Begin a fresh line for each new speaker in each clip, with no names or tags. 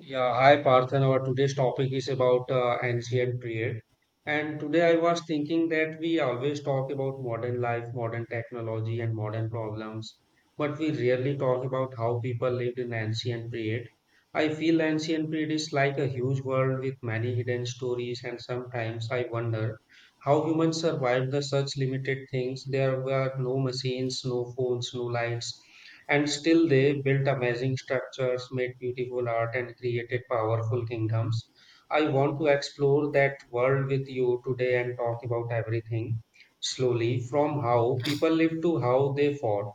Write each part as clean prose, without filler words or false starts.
Yeah, hi Parthan. Our today's topic is about ancient period. And today I was thinking that we always talk about modern life, modern technology, and modern problems, but we rarely talk about how people lived in ancient period. I feel ancient period is like a huge world with many hidden stories, and sometimes I wonder how humans survived the such limited things. There were no machines, no phones, no lights, and still, they built amazing structures, made beautiful art, and created powerful kingdoms. I want to explore that world with you today and talk about everything slowly from how people lived to how they fought,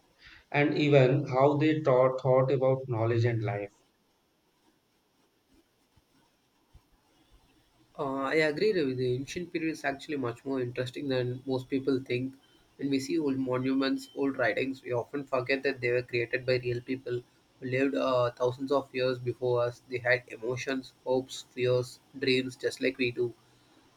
and even how they taught, thought about knowledge and life.
I agree with you. The ancient period is actually much more interesting than most people think. When we see old monuments, old writings, we often forget that they were created by real people who lived thousands of years before us. They had emotions, hopes, fears, dreams, just like we do.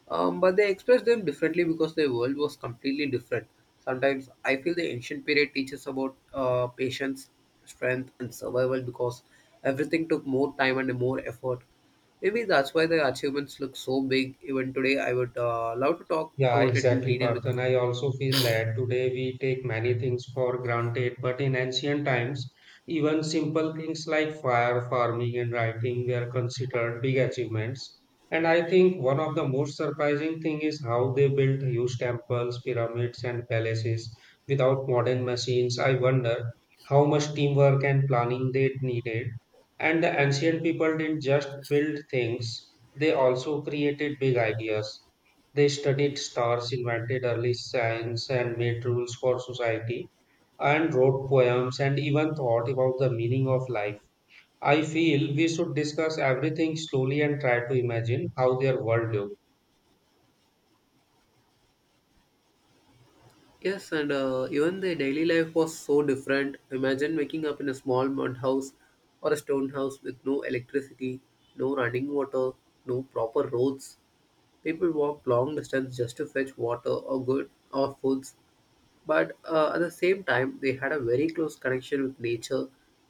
But they expressed them differently because the world was completely different. Sometimes I feel the ancient period teaches about patience, strength, and survival because everything took more time and more effort. Maybe that's why the achievements look so big. Even today, I would love to talk
Yeah,
about it in
exactly,
detail
Parth.
with
And
you.
I also feel that today we take many things for granted, but in ancient times, even simple things like fire, farming, and writing were considered big achievements. And I think one of the most surprising thing is how they built huge temples, pyramids, and palaces without modern machines. I wonder how much teamwork and planning they needed. And the ancient people didn't just build things, they also created big ideas. They studied stars, invented early science, and made rules for society, and wrote poems and even thought about the meaning of life. I feel we should discuss everything slowly and try to imagine how their world looked.
Yes, and even the daily life was so different. Imagine waking up in a small mud house or a stone house with no electricity, no running water, no proper roads. People walk long distance just to fetch water or good or foods, but at the same time, they had a very close connection with nature.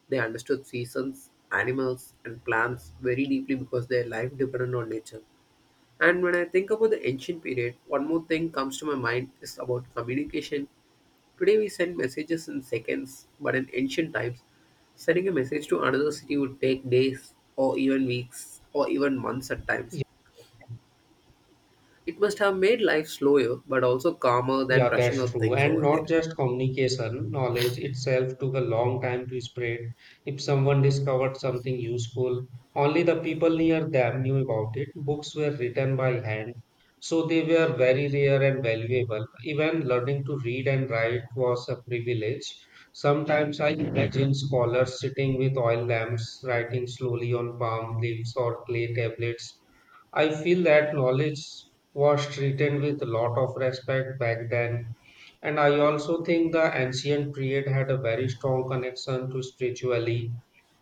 They understood seasons, animals, and plants very deeply because their life depended on nature. And when I think about the ancient period, one more thing comes to my mind is about communication. Today we send messages in seconds, but in ancient times, sending a message to another city would take days or even weeks or even months at times. It must have made life slower, but also calmer than
Yeah,
rushing
that's
out
true.
things
And
over
not
there.
just communication, knowledge itself took a long time to spread. If someone discovered something useful, only the people near them knew about it. Books were written by hand, so they were very rare and valuable. Even learning to read and write was a privilege. Sometimes I imagine scholars sitting with oil lamps, writing slowly on palm leaves or clay tablets. I feel that knowledge was treated with a lot of respect back then, and I also think the ancient period had a very strong connection to spirituality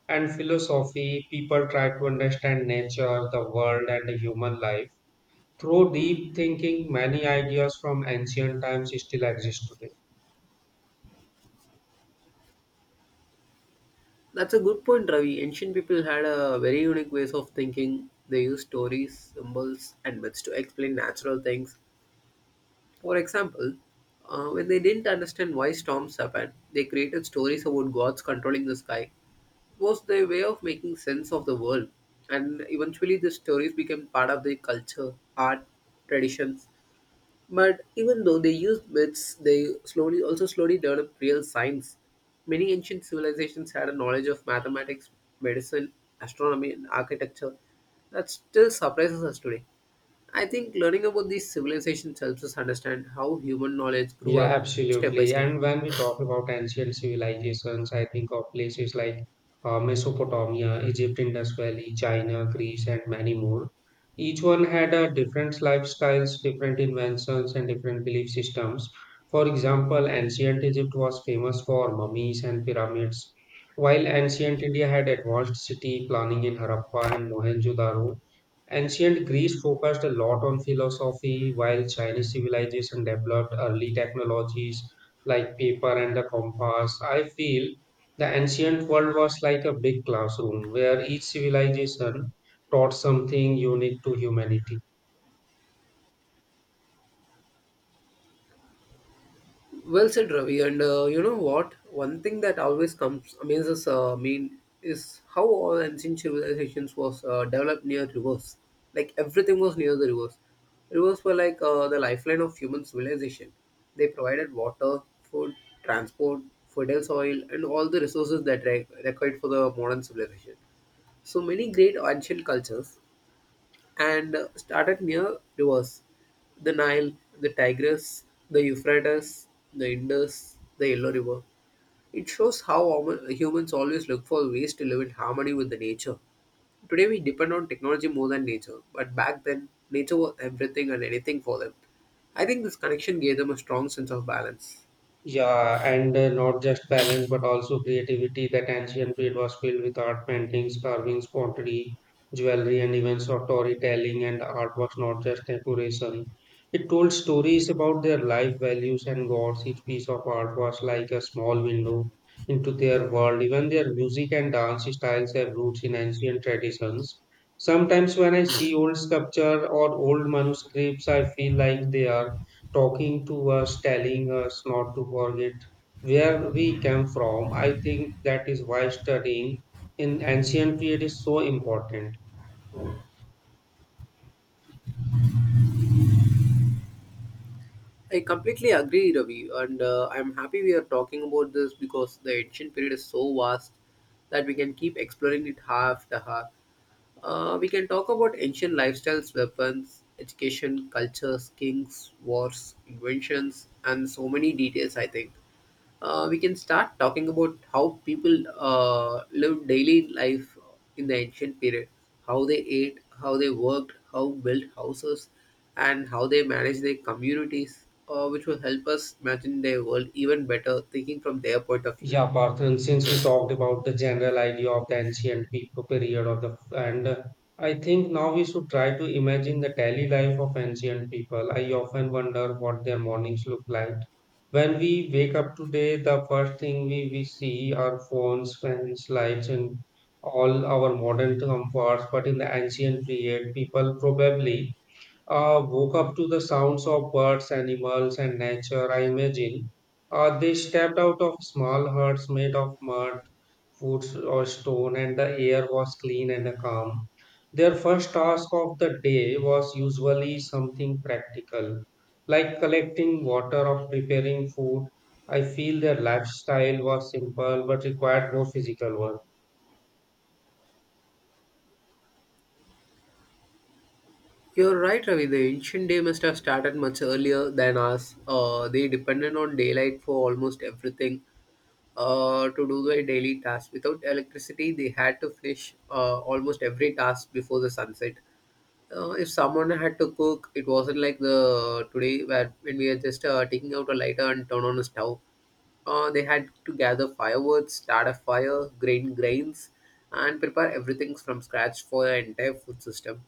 and philosophy. People tried to understand nature, the world, and the human life. Through deep thinking, many ideas from ancient times still exist today.
That's a good point, Ravi. Ancient people had a very unique ways of thinking. They used stories, symbols, and myths to explain natural things. For example, when they didn't understand why storms happened, they created stories about gods controlling the sky. It was their way of making sense of the world, and eventually, the stories became part of their culture, art, traditions, but even though they used myths, they slowly also slowly developed real science. Many ancient civilizations had a knowledge of mathematics, medicine, astronomy, and architecture that still surprises us today. I think learning about these civilizations helps us understand how human knowledge grew
Yeah,
up step by
absolutely.
step.
And when we talk about ancient civilizations, I think of places like Mesopotamia, Egypt, Indus Valley, China, Greece, and many more. Each one had a different lifestyles, different inventions, and different belief systems. For example, ancient Egypt was famous for mummies and pyramids, while ancient India had advanced city planning in Harappa and Mohenjo-daro. Ancient Greece focused a lot on philosophy, while Chinese civilization developed early technologies like paper and the compass. I feel the ancient world was like a big classroom where each civilization taught something unique to humanity.
Well said, Ravi. And you know what? One thing that always comes amazes me is how all ancient civilizations was developed near rivers. Like everything was near the rivers. Rivers were like the lifeline of human civilization. They provided water, food, transport, fertile soil, and all the resources that required for the modern civilization. So many great ancient cultures and started near rivers, the Nile, the Tigris, the Euphrates, the Indus, the Yellow River. It shows how humans always look for ways to live in harmony with the nature. Today we depend on technology more than nature, but back then nature was everything and anything for them. I think this connection gave them a strong sense of balance.
Yeah, and not just balance, but also creativity. That ancient period was filled with art paintings, carvings, pottery, jewelry, and even storytelling. And art was not just decoration; it told stories about their life values and gods. Each piece of art was like a small window into their world. Even their music and dance styles have roots in ancient traditions. Sometimes, when I see old sculpture or old manuscripts, I feel like they are talking to us, telling us not to forget where we came from. I think that is why studying in ancient period is so important.
I completely agree, Ravi, and I'm happy we are talking about this because the ancient period is so vast that we can keep exploring it half the half. We can talk about ancient lifestyles, weapons, education, cultures, kings, wars, inventions, and so many details. I think we can start talking about how people lived daily life in the ancient period, how they ate, how they worked, how built houses, and how they managed their communities, which will help us imagine their world even better, thinking from their point of view.
Yeah, Parth, and since we talked about the general idea of the ancient people period of the and I think now we should try to imagine the daily life of ancient people. I often wonder what their mornings look like. When we wake up today, the first thing we see are phones, fans, lights, and all our modern comforts. But in the ancient period, people probably woke up to the sounds of birds, animals, and nature, I imagine. They stepped out of small huts made of mud, wood, or stone, and the air was clean and calm. Their first task of the day was usually something practical, like collecting water or preparing food. I feel their lifestyle was simple but required more physical work.
You're right, Ravi. The ancient day must have started much earlier than us. They depended on daylight for almost everything to do their daily tasks. Without electricity, they had to finish almost every task before the sunset. If someone had to cook, it wasn't like the today where when we are just taking out a lighter and turn on a stove. They had to gather firewood, start a fire, grain grains, and prepare everything from scratch for the entire food system.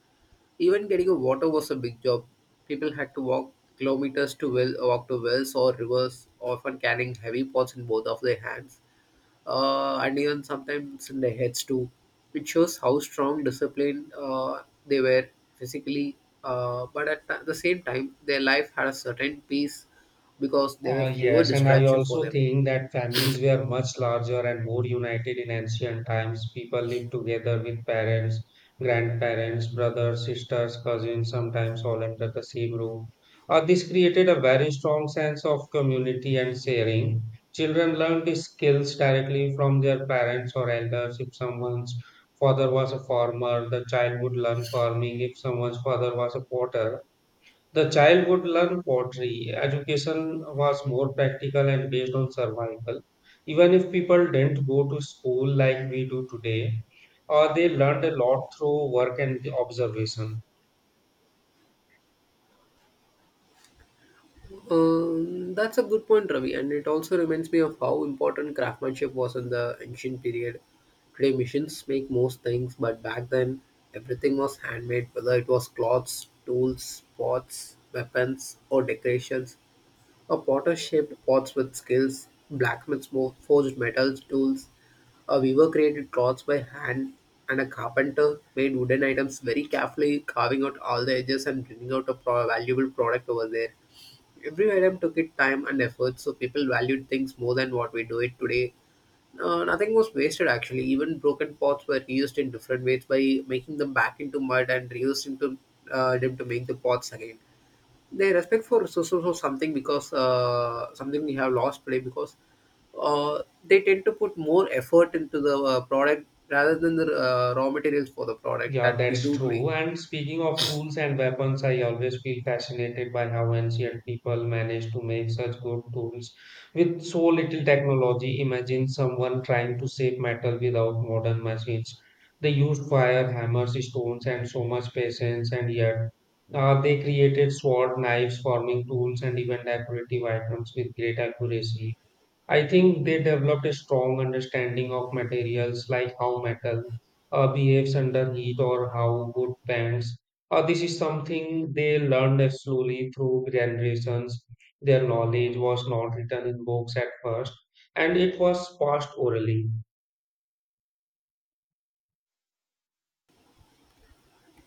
Even getting a water was a big job. People had to walk kilometers to well, walk to wells or rivers, often carrying heavy pots in both of their hands and even sometimes in their heads too, which shows how strong discipline they were physically. But at the same time, their life had a certain peace because there were
Uh,
fewer
yes, and I
distractions for
also
them.
think that families were much larger and more united in ancient times. People lived together with parents, grandparents, brothers, sisters, cousins, sometimes all under the same roof. This created a very strong sense of community and sharing. Children learned these skills directly from their parents or elders. If someone's father was a farmer, the child would learn farming. If someone's father was a potter, the child would learn pottery. Education was more practical and based on survival. Even if people didn't go to school like we do today, they learned a lot through work and observation.
That's a good point, Ravi, and it also reminds me of how important craftsmanship was in the ancient period. Today, machines make most things, but back then, everything was handmade, whether it was cloths, tools, pots, weapons, or decorations. A potter-shaped pots with skills, blacksmiths forged metals tools, a weaver created cloths by hand, and a carpenter made wooden items very carefully, carving out all the edges and bringing out a valuable product over there. Every item took it time and effort, so people valued things more than what we do it today. Nothing was wasted actually. Even broken pots were reused in different ways by making them back into mud and reused into them to make the pots again. They respect for so something because something we have lost today because they tend to put more effort into the product rather than the raw materials for the product
Yeah,
that we
that's
do today.
true. And speaking of tools and weapons, I always feel fascinated by how ancient people managed to make such good tools with so little technology. Imagine someone trying to shape metal without modern machines. They used fire, hammers, stones, and so much patience, and yet they created sword, knives, farming tools, and even decorative items with great accuracy. I think they developed a strong understanding of materials like how metal behaves under heat or how wood bends. This is something they learned as slowly through generations. Their knowledge was not written in books at first, and it was passed orally.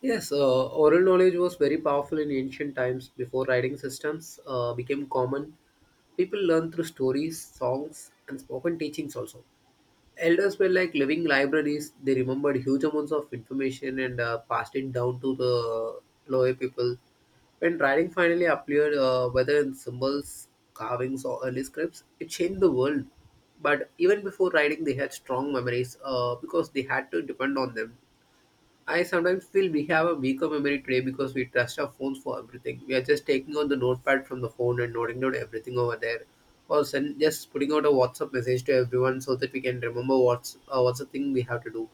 Yes, oral knowledge was very powerful in ancient times before writing systems became common. People learned through stories, songs, and spoken teachings also. Elders were like living libraries. They remembered huge amounts of information and passed it down to the lower people. When writing finally appeared, whether in symbols, carvings, or early scripts, it changed the world. But even before writing, they had strong memories because they had to depend on them. I sometimes feel we have a weaker memory today because we trust our phones for everything. We are just taking out the notepad from the phone and noting down everything over there, or send, just putting out a WhatsApp message to everyone so that we can remember what's the thing we have to do.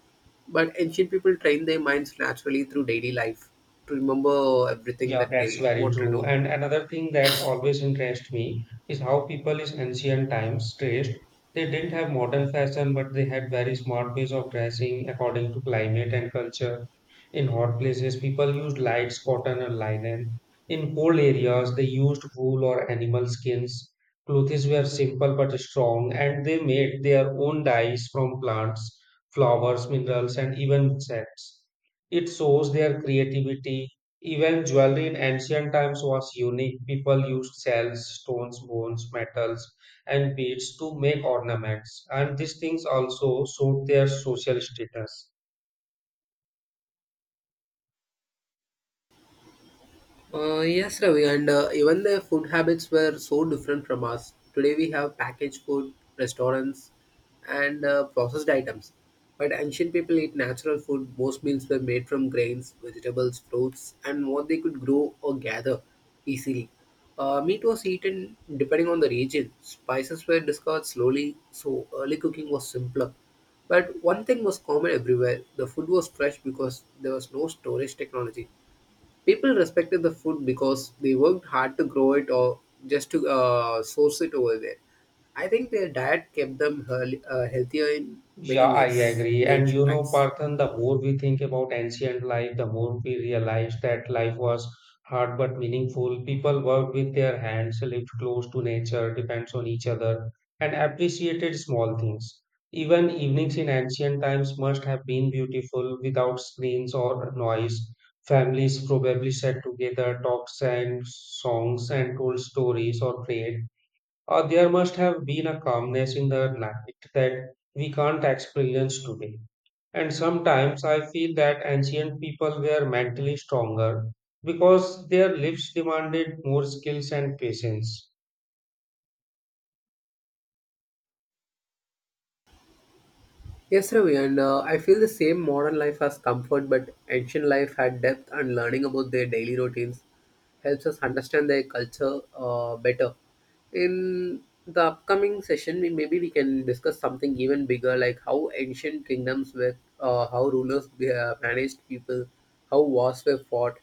But ancient people train their minds naturally through daily life to remember everything
Yeah,
that
that's
they
very
want to
true.
know.
And another thing that always interests me is how people in ancient times dressed. They didn't have modern fashion, but they had very smart ways of dressing according to climate and culture. In hot places, people used lights, cotton, or linen. In cold areas, they used wool or animal skins. Clothes were simple but strong, and they made their own dyes from plants, flowers, minerals, and even insects. It shows their creativity. Even jewelry in ancient times was unique. People used shells, stones, bones, metals, and beads to make ornaments, and these things also showed their social status.
Yes, Ravi, and even their food habits were so different from us. Today we have packaged food, restaurants, and processed items. But ancient people ate natural food. Most meals were made from grains, vegetables, fruits, and what they could grow or gather easily. Meat was eaten depending on the region. Spices were discovered slowly, so early cooking was simpler. But one thing was common everywhere, the food was fresh because there was no storage technology. People respected the food because they worked hard to grow it or just to source it over there. I think their diet kept them healthier in
Yeah,
many
I
ways
agree.
in the
And you
ancient
know,
times.
Parthan, the more we think about ancient life, the more we realize that life was hard but meaningful. People worked with their hands, lived close to nature, depends on each other, and appreciated small things. Even evenings in ancient times must have been beautiful without screens or noise. Families probably sat together, talked, sang songs, and told stories or prayed. There must have been a calmness in the night that we can't experience today. And sometimes I feel that ancient people were mentally stronger because their lives demanded more skills and patience.
Yes, Ravi, and I feel the same modern life has comfort, but ancient life had depth, and learning about their daily routines helps us understand their culture better. In the upcoming session, we, maybe we can discuss something even bigger, like how ancient kingdoms were, how rulers managed people, how wars were fought,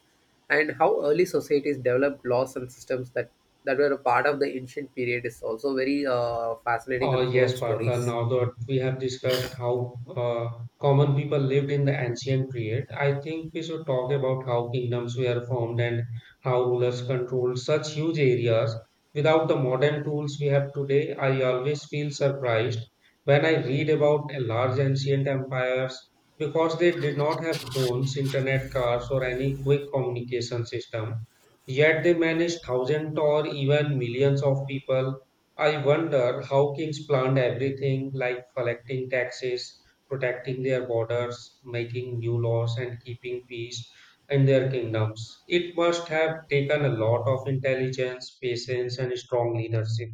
and how early societies developed laws and systems that were a part of the ancient period is also very fascinating
Oh,
and full of
yes, Partha.
stories.
Now that we have discussed how common people lived in the ancient period, I think we should talk about how kingdoms were formed and how rulers controlled such huge areas. Without the modern tools we have today, I always feel surprised when I read about a large ancient empires because they did not have phones, internet, cars, or any quick communication system. Yet they managed thousands or even millions of people. I wonder how kings planned everything like collecting taxes, protecting their borders, making new laws, and keeping peace in their kingdoms. It must have taken a lot of intelligence, patience, and strong leadership.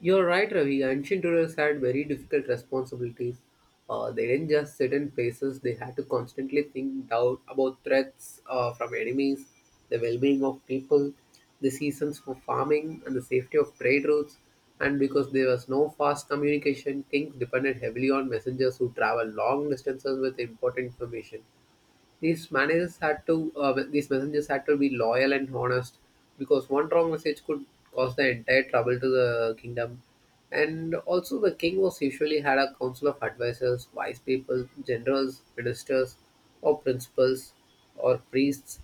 You're right, Ravi. Ancient rulers had very difficult responsibilities. They didn't just sit in places, they had to constantly think doubt about threats from enemies, the well being of people, the seasons for farming, and the safety of trade routes. And because there was no fast communication, things depended heavily on messengers who traveled long distances with important information. These messengers had to be loyal and honest, because one wrong message could cause the entire trouble to the kingdom. And also, the king was usually had a council of advisors, wise people, generals, ministers, or principals, or priests,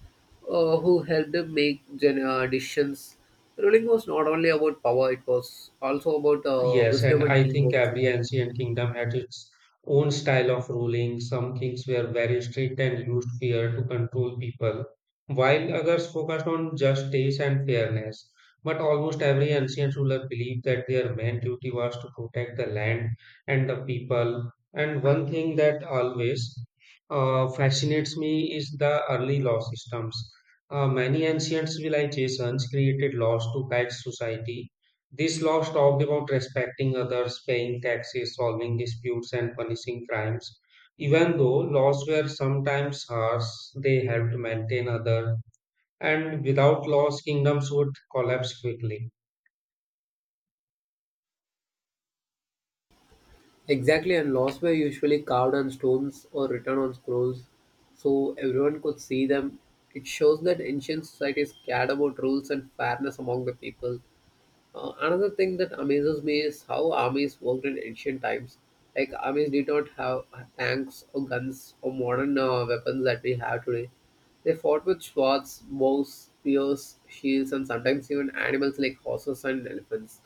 who helped him make decisions. Ruling was not only about power; it was also about
Yes,
wisdom
and
and
I think
teamwork.
every ancient kingdom had its own style of ruling. Some kings were very strict and used fear to control people, while others focused on justice and fairness. But almost every ancient ruler believed that their main duty was to protect the land and the people. And one thing that always fascinates me is the early law systems. Many ancient civilizations created laws to guide society. This law talked about respecting others, paying taxes, solving disputes, and punishing crimes. Even though laws were sometimes harsh, they helped maintain order, and without laws, kingdoms would collapse quickly.
Exactly, and laws were usually carved on stones or written on scrolls so everyone could see them. It shows that ancient societies cared about rules and fairness among the people. Another thing that amazes me is how armies worked in ancient times. Like, armies did not have tanks or guns or modern weapons that we have today. They fought with swords, bows, spears, shields, and sometimes even animals like horses and elephants.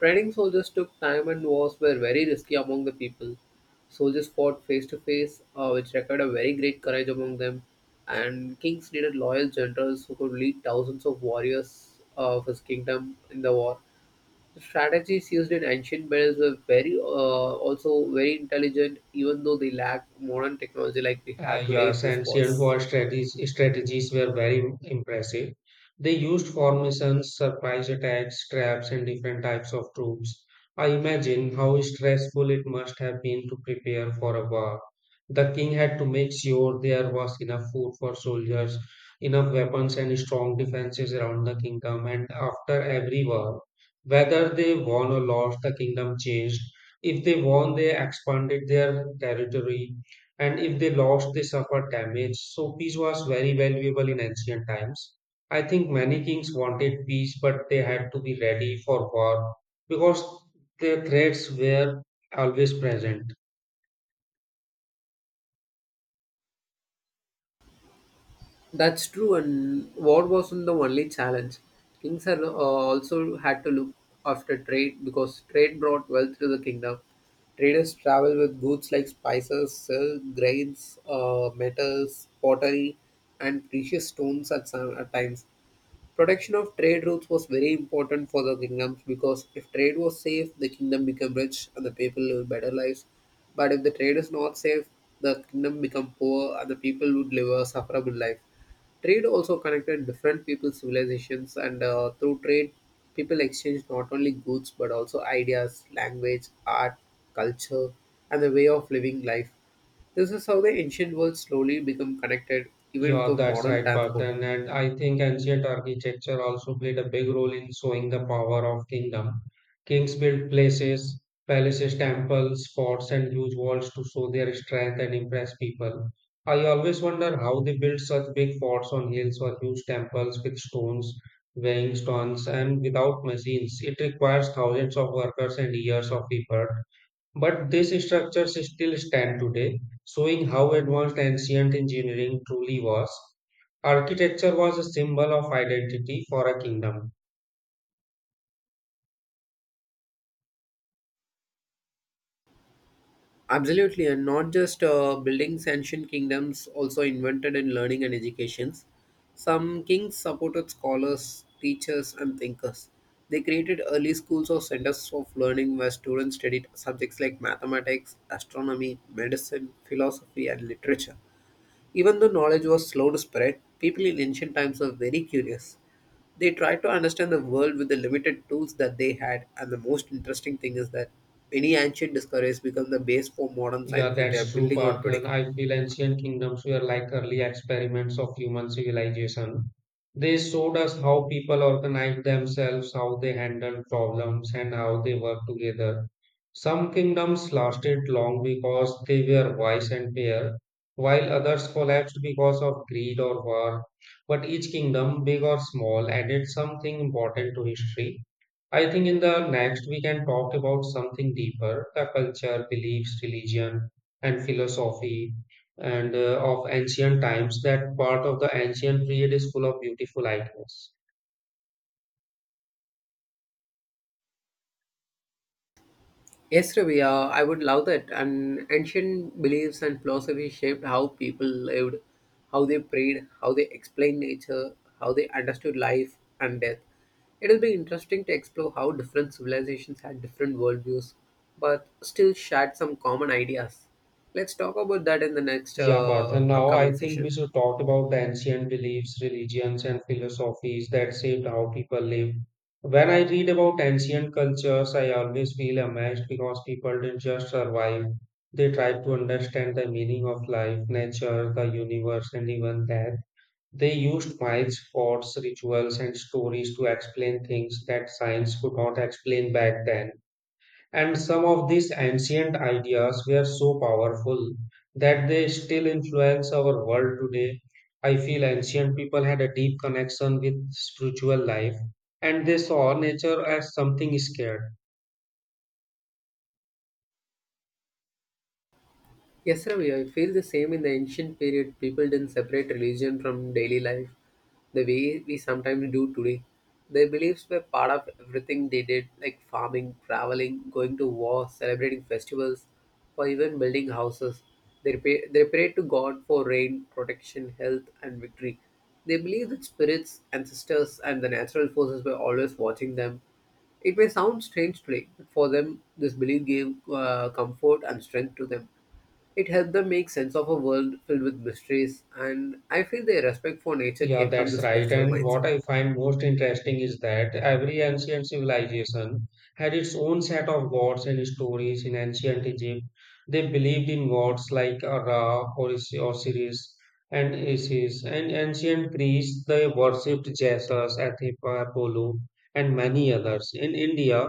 Training soldiers took time and wars were very risky among the people. Soldiers fought face to face, which required a very great courage among them, and kings needed loyal generals who could lead thousands of warriors of his kingdom in the war. The strategies used in ancient battles were also very intelligent, even though they lacked modern technology like we have
Uh,
today in
yes,
these
and Sierra
wars.
War strategies were very impressive. They used formations, surprise attacks, traps, and different types of troops. I imagine how stressful it must have been to prepare for a war. The king had to make sure there was enough food for soldiers, enough weapons, and strong defenses around the kingdom. And after every war, whether they won or lost, the kingdom changed. If they won, they expanded their territory, and if they lost, they suffered damage. So, peace was very valuable in ancient times. I think many kings wanted peace, but they had to be ready for war because their threats were always present.
That's true, and war wasn't the only challenge. Kings also had to look after trade because trade brought wealth to the kingdom. Traders traveled with goods like spices, silk, grains, metals, pottery, and precious stones at times. Protection of trade routes was very important for the kingdoms because if trade was safe, the kingdom became rich and the people lived better lives. But if the trade is not safe, the kingdom become poor and the people would live a sufferable life. Trade also connected different people, civilizations, and through trade, people exchanged not only goods but also ideas, language, art, culture, and the way of living life. This is how the ancient world slowly become connected, even with
Yeah,
the
that's
modern
right, Partha.
transport.
And I think ancient architecture also played a big role in showing the power of kingdom. Kings built places, palaces, temples, forts, and huge walls to show their strength and impress people. I always wonder how they built such big forts on hills or huge temples with stones, weighing stones, and without machines. It requires thousands of workers and years of effort. But these structures still stand today, showing how advanced ancient engineering truly was. Architecture was a symbol of identity for a kingdom.
Absolutely, and not just buildings, ancient kingdoms also invented in learning and educations. Some kings supported scholars, teachers, and thinkers. They created early schools or centers of learning where students studied subjects like mathematics, astronomy, medicine, philosophy, and literature. Even though knowledge was slow to spread, people in ancient times were very curious. They tried to understand the world with the limited tools that they had, and the most interesting thing is that many ancient discoveries become the base for modern
Yeah,
science we are
that's true,
building on
Parthen.
today.
I feel ancient kingdoms were like early experiments of human civilization. They showed us how people organized themselves, how they handled problems, and how they worked together. Some kingdoms lasted long because they were wise and fair, while others collapsed because of greed or war. But each kingdom, big or small, added something important to history. I think in the next we can talk about something deeper, the culture, beliefs, religion, and philosophy and of ancient times. That part of the ancient period is full of beautiful ideas.
Yes, Ravi, I would love that. And ancient beliefs and philosophy shaped how people lived, how they prayed, how they explained nature, how they understood life and death. It will be interesting to explore how different civilizations had different worldviews, but still shared some common ideas. Let's talk about that in the next
Yeah, Parth. And now I
upcoming
think we
session.
should talk about the ancient beliefs, religions, and philosophies that shaped how people live. When I read about ancient cultures, I always feel amazed because people didn't just survive. They tried to understand the meaning of life, nature, the universe, and even death. They used myths, forts, rituals, and stories to explain things that science could not explain back then. And some of these ancient ideas were so powerful that they still influence our world today. I feel ancient people had a deep connection with spiritual life and they saw nature as something scared.
Yes, Ravi, I feel the same in the ancient period. People didn't separate religion from daily life the way we sometimes do today. Their beliefs were part of everything they did, like farming, traveling, going to war, celebrating festivals, or even building houses. They prayed to God for rain, protection, health, and victory. They believed that spirits, ancestors, and the natural forces were always watching them. It may sound strange today, but for them, this belief gave comfort and strength to them. It helped them make sense of a world filled with mysteries, and I feel their respect for nature
Yeah,
came from
that's
the
right.
spiritual
And what
mindset.
I find most interesting is that every ancient civilization had its own set of gods and stories. In ancient Egypt, they believed in gods like Ra, Osiris, and Isis. And ancient Greece, they worshipped Jesus, Athena, Apollo, and many others. In India,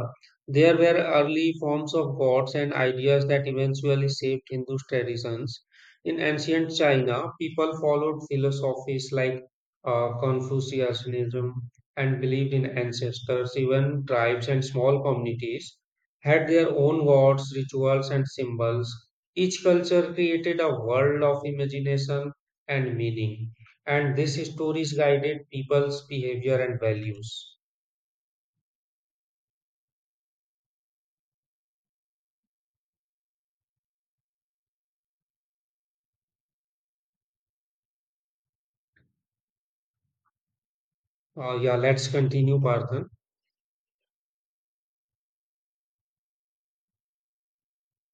there were early forms of gods and ideas that eventually shaped Hindu traditions. In ancient China, people followed philosophies like Confucianism and believed in ancestors, even tribes and small communities had their own gods, rituals, and symbols. Each culture created a world of imagination and meaning, and these stories guided people's behavior and values. Yeah, let's continue, Partha.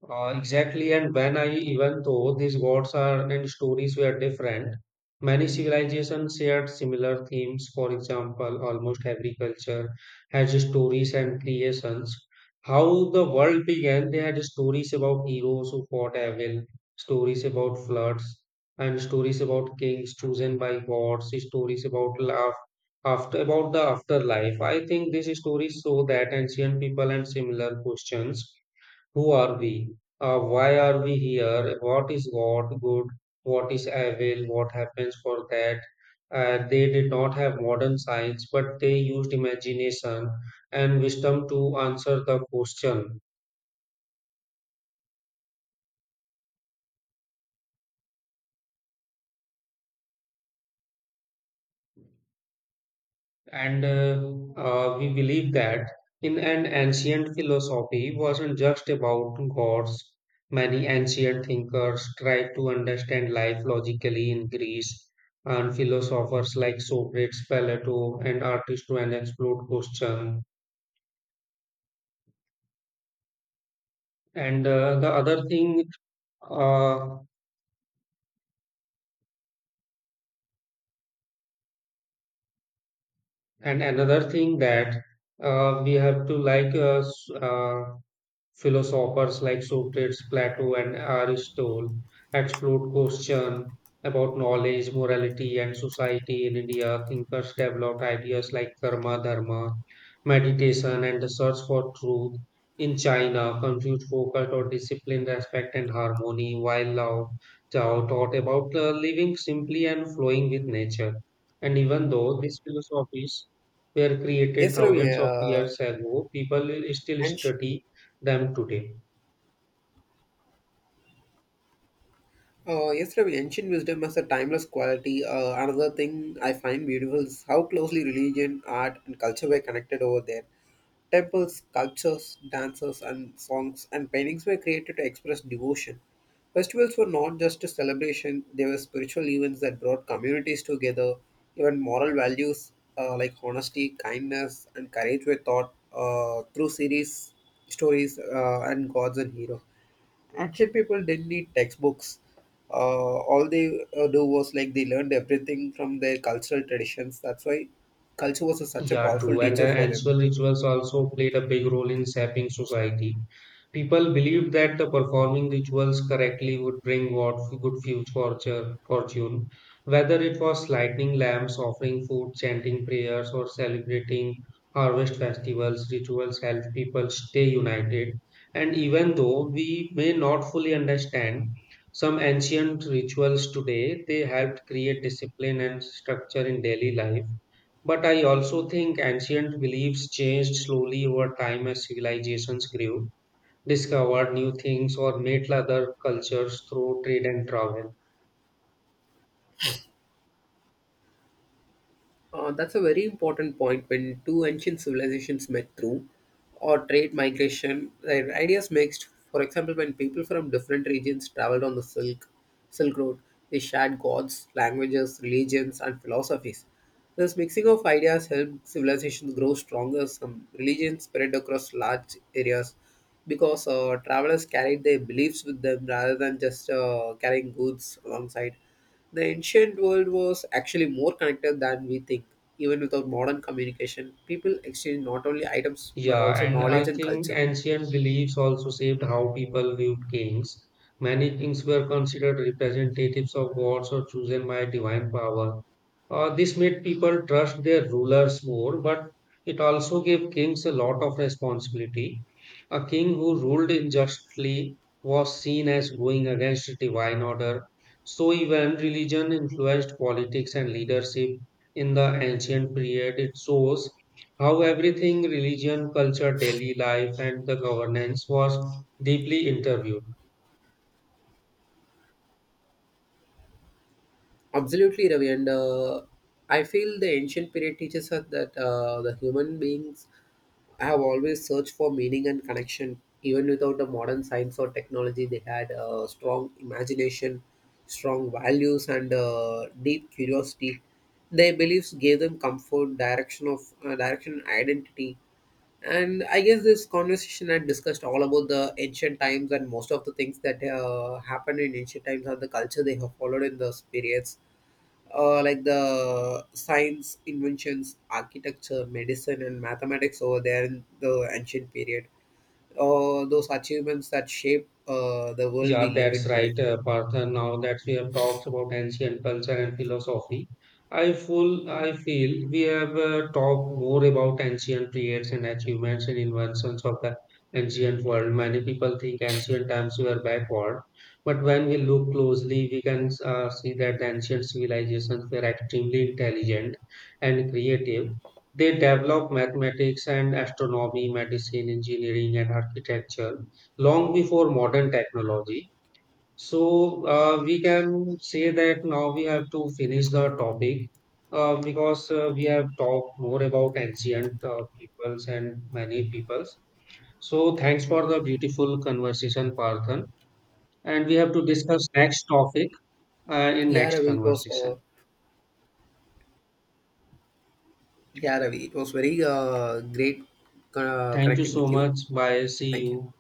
Exactly, and when I, even though these gods are and stories were different, many civilizations shared similar themes. For example, almost every culture has stories and creations. How the world began, they had stories about heroes who fought evil, stories about floods, and stories about kings chosen by gods, stories about love, after about the afterlife. I think these stories show that ancient people and similar questions, who are we? Why are we here? What is what good? What is evil? What happens for that? They did not have modern science, but they used imagination and wisdom to answer the question. And We believe that in an ancient philosophy wasn't just about gods. Many ancient thinkers tried to understand life logically in Greece, and philosophers like Socrates, Plato, and Aristotle and explored question. And the other thing, uh, and another thing that we have to like s- Philosophers like Socrates, Plato, and Aristotle explored questions about knowledge, morality, and society. In India, thinkers developed ideas like karma, dharma, meditation, and the search for truth. In China, Confucius focused on discipline, respect, and harmony, while Lao Tao taught about living simply and flowing with nature. And even though these philosophies were created
Yes, Ravi.
thousands of years ago, people will still
And sh-
study them today.
yes, Ravi, ancient wisdom has a timeless quality. Another thing I find beautiful is how closely religion, art, and culture were connected over there. Temples, sculptures, dances, and songs and paintings were created to express devotion. Festivals were not just a celebration, they were spiritual events that brought communities together. Even moral values like honesty, kindness, and courage were taught through stories, and gods and heroes. Ancient people didn't need textbooks. Uh, all they do was like they learned everything from their cultural traditions. That's why such a
Yeah,
powerful
true. And
teacher for them.
Ancestral rituals also played a big role in shaping society. People believed that the performing rituals correctly would bring what good future fortune, whether it was lighting lamps, offering food, chanting prayers, or celebrating harvest festivals. Rituals help people stay united. And even though we may not fully understand some ancient rituals today, they helped create discipline and structure in daily life. But I also think ancient beliefs changed slowly over time as civilizations grew, discovered new things, or met other cultures through trade and travel.
That's a very important point. When two ancient civilizations met through or trade migration, their ideas mixed. For example, when people from different regions traveled on the Silk Road, they shared gods, languages, religions, and philosophies. This mixing of ideas helped civilizations grow stronger. Some religions spread across large areas because travelers carried their beliefs with them rather than just carrying goods alongside. The ancient world was actually more connected than we think. Even without modern communication, people exchange not only items but
Yeah,
also
and
knowledge
I
and
think
culture.
ancient beliefs also shaped how people viewed kings. Many kings were considered representatives of gods or chosen by divine power. This made people trust their rulers more, but it also gave kings a lot of responsibility. A king who ruled unjustly was seen as going against divine order. So, even religion influenced politics and leadership in the ancient period. It shows how everything religion, culture, daily life, and the governance was deeply interviewed.
Absolutely, Ravi. And I feel the ancient period teaches us that the human beings have always searched for meaning and connection. Even without the modern science or technology, they had strong imagination, strong values, and deep curiosity. Their beliefs gave them comfort, direction, and identity. And I guess this conversation had discussed all about the ancient times and most of the things that happened in ancient times and the culture they have followed in those periods, like the science, inventions, architecture, medicine, and mathematics over there in the ancient period. Those achievements that shape the world
Yeah,
we live
that's
in today.
right, Partha. Now that we have talked about ancient culture and philosophy, I feel we have talked more about ancient periods and achievements and inventions of the ancient world. Many people think ancient times were backward, but when we look closely, we can see that the ancient civilizations were extremely intelligent and creative. They developed mathematics and astronomy, medicine, engineering, and architecture long before modern technology. We can say that now we have to finish the topic because we have talked more about ancient peoples and many peoples. So thanks for the beautiful conversation, Parthan. And we have to discuss next topic in
Yeah,
next
Ravi, it was,
conversation.
uh, yeah, Ravi, it was very great
Thank you
connecting
so
with you.
much. Bye. See
Thank you.
you.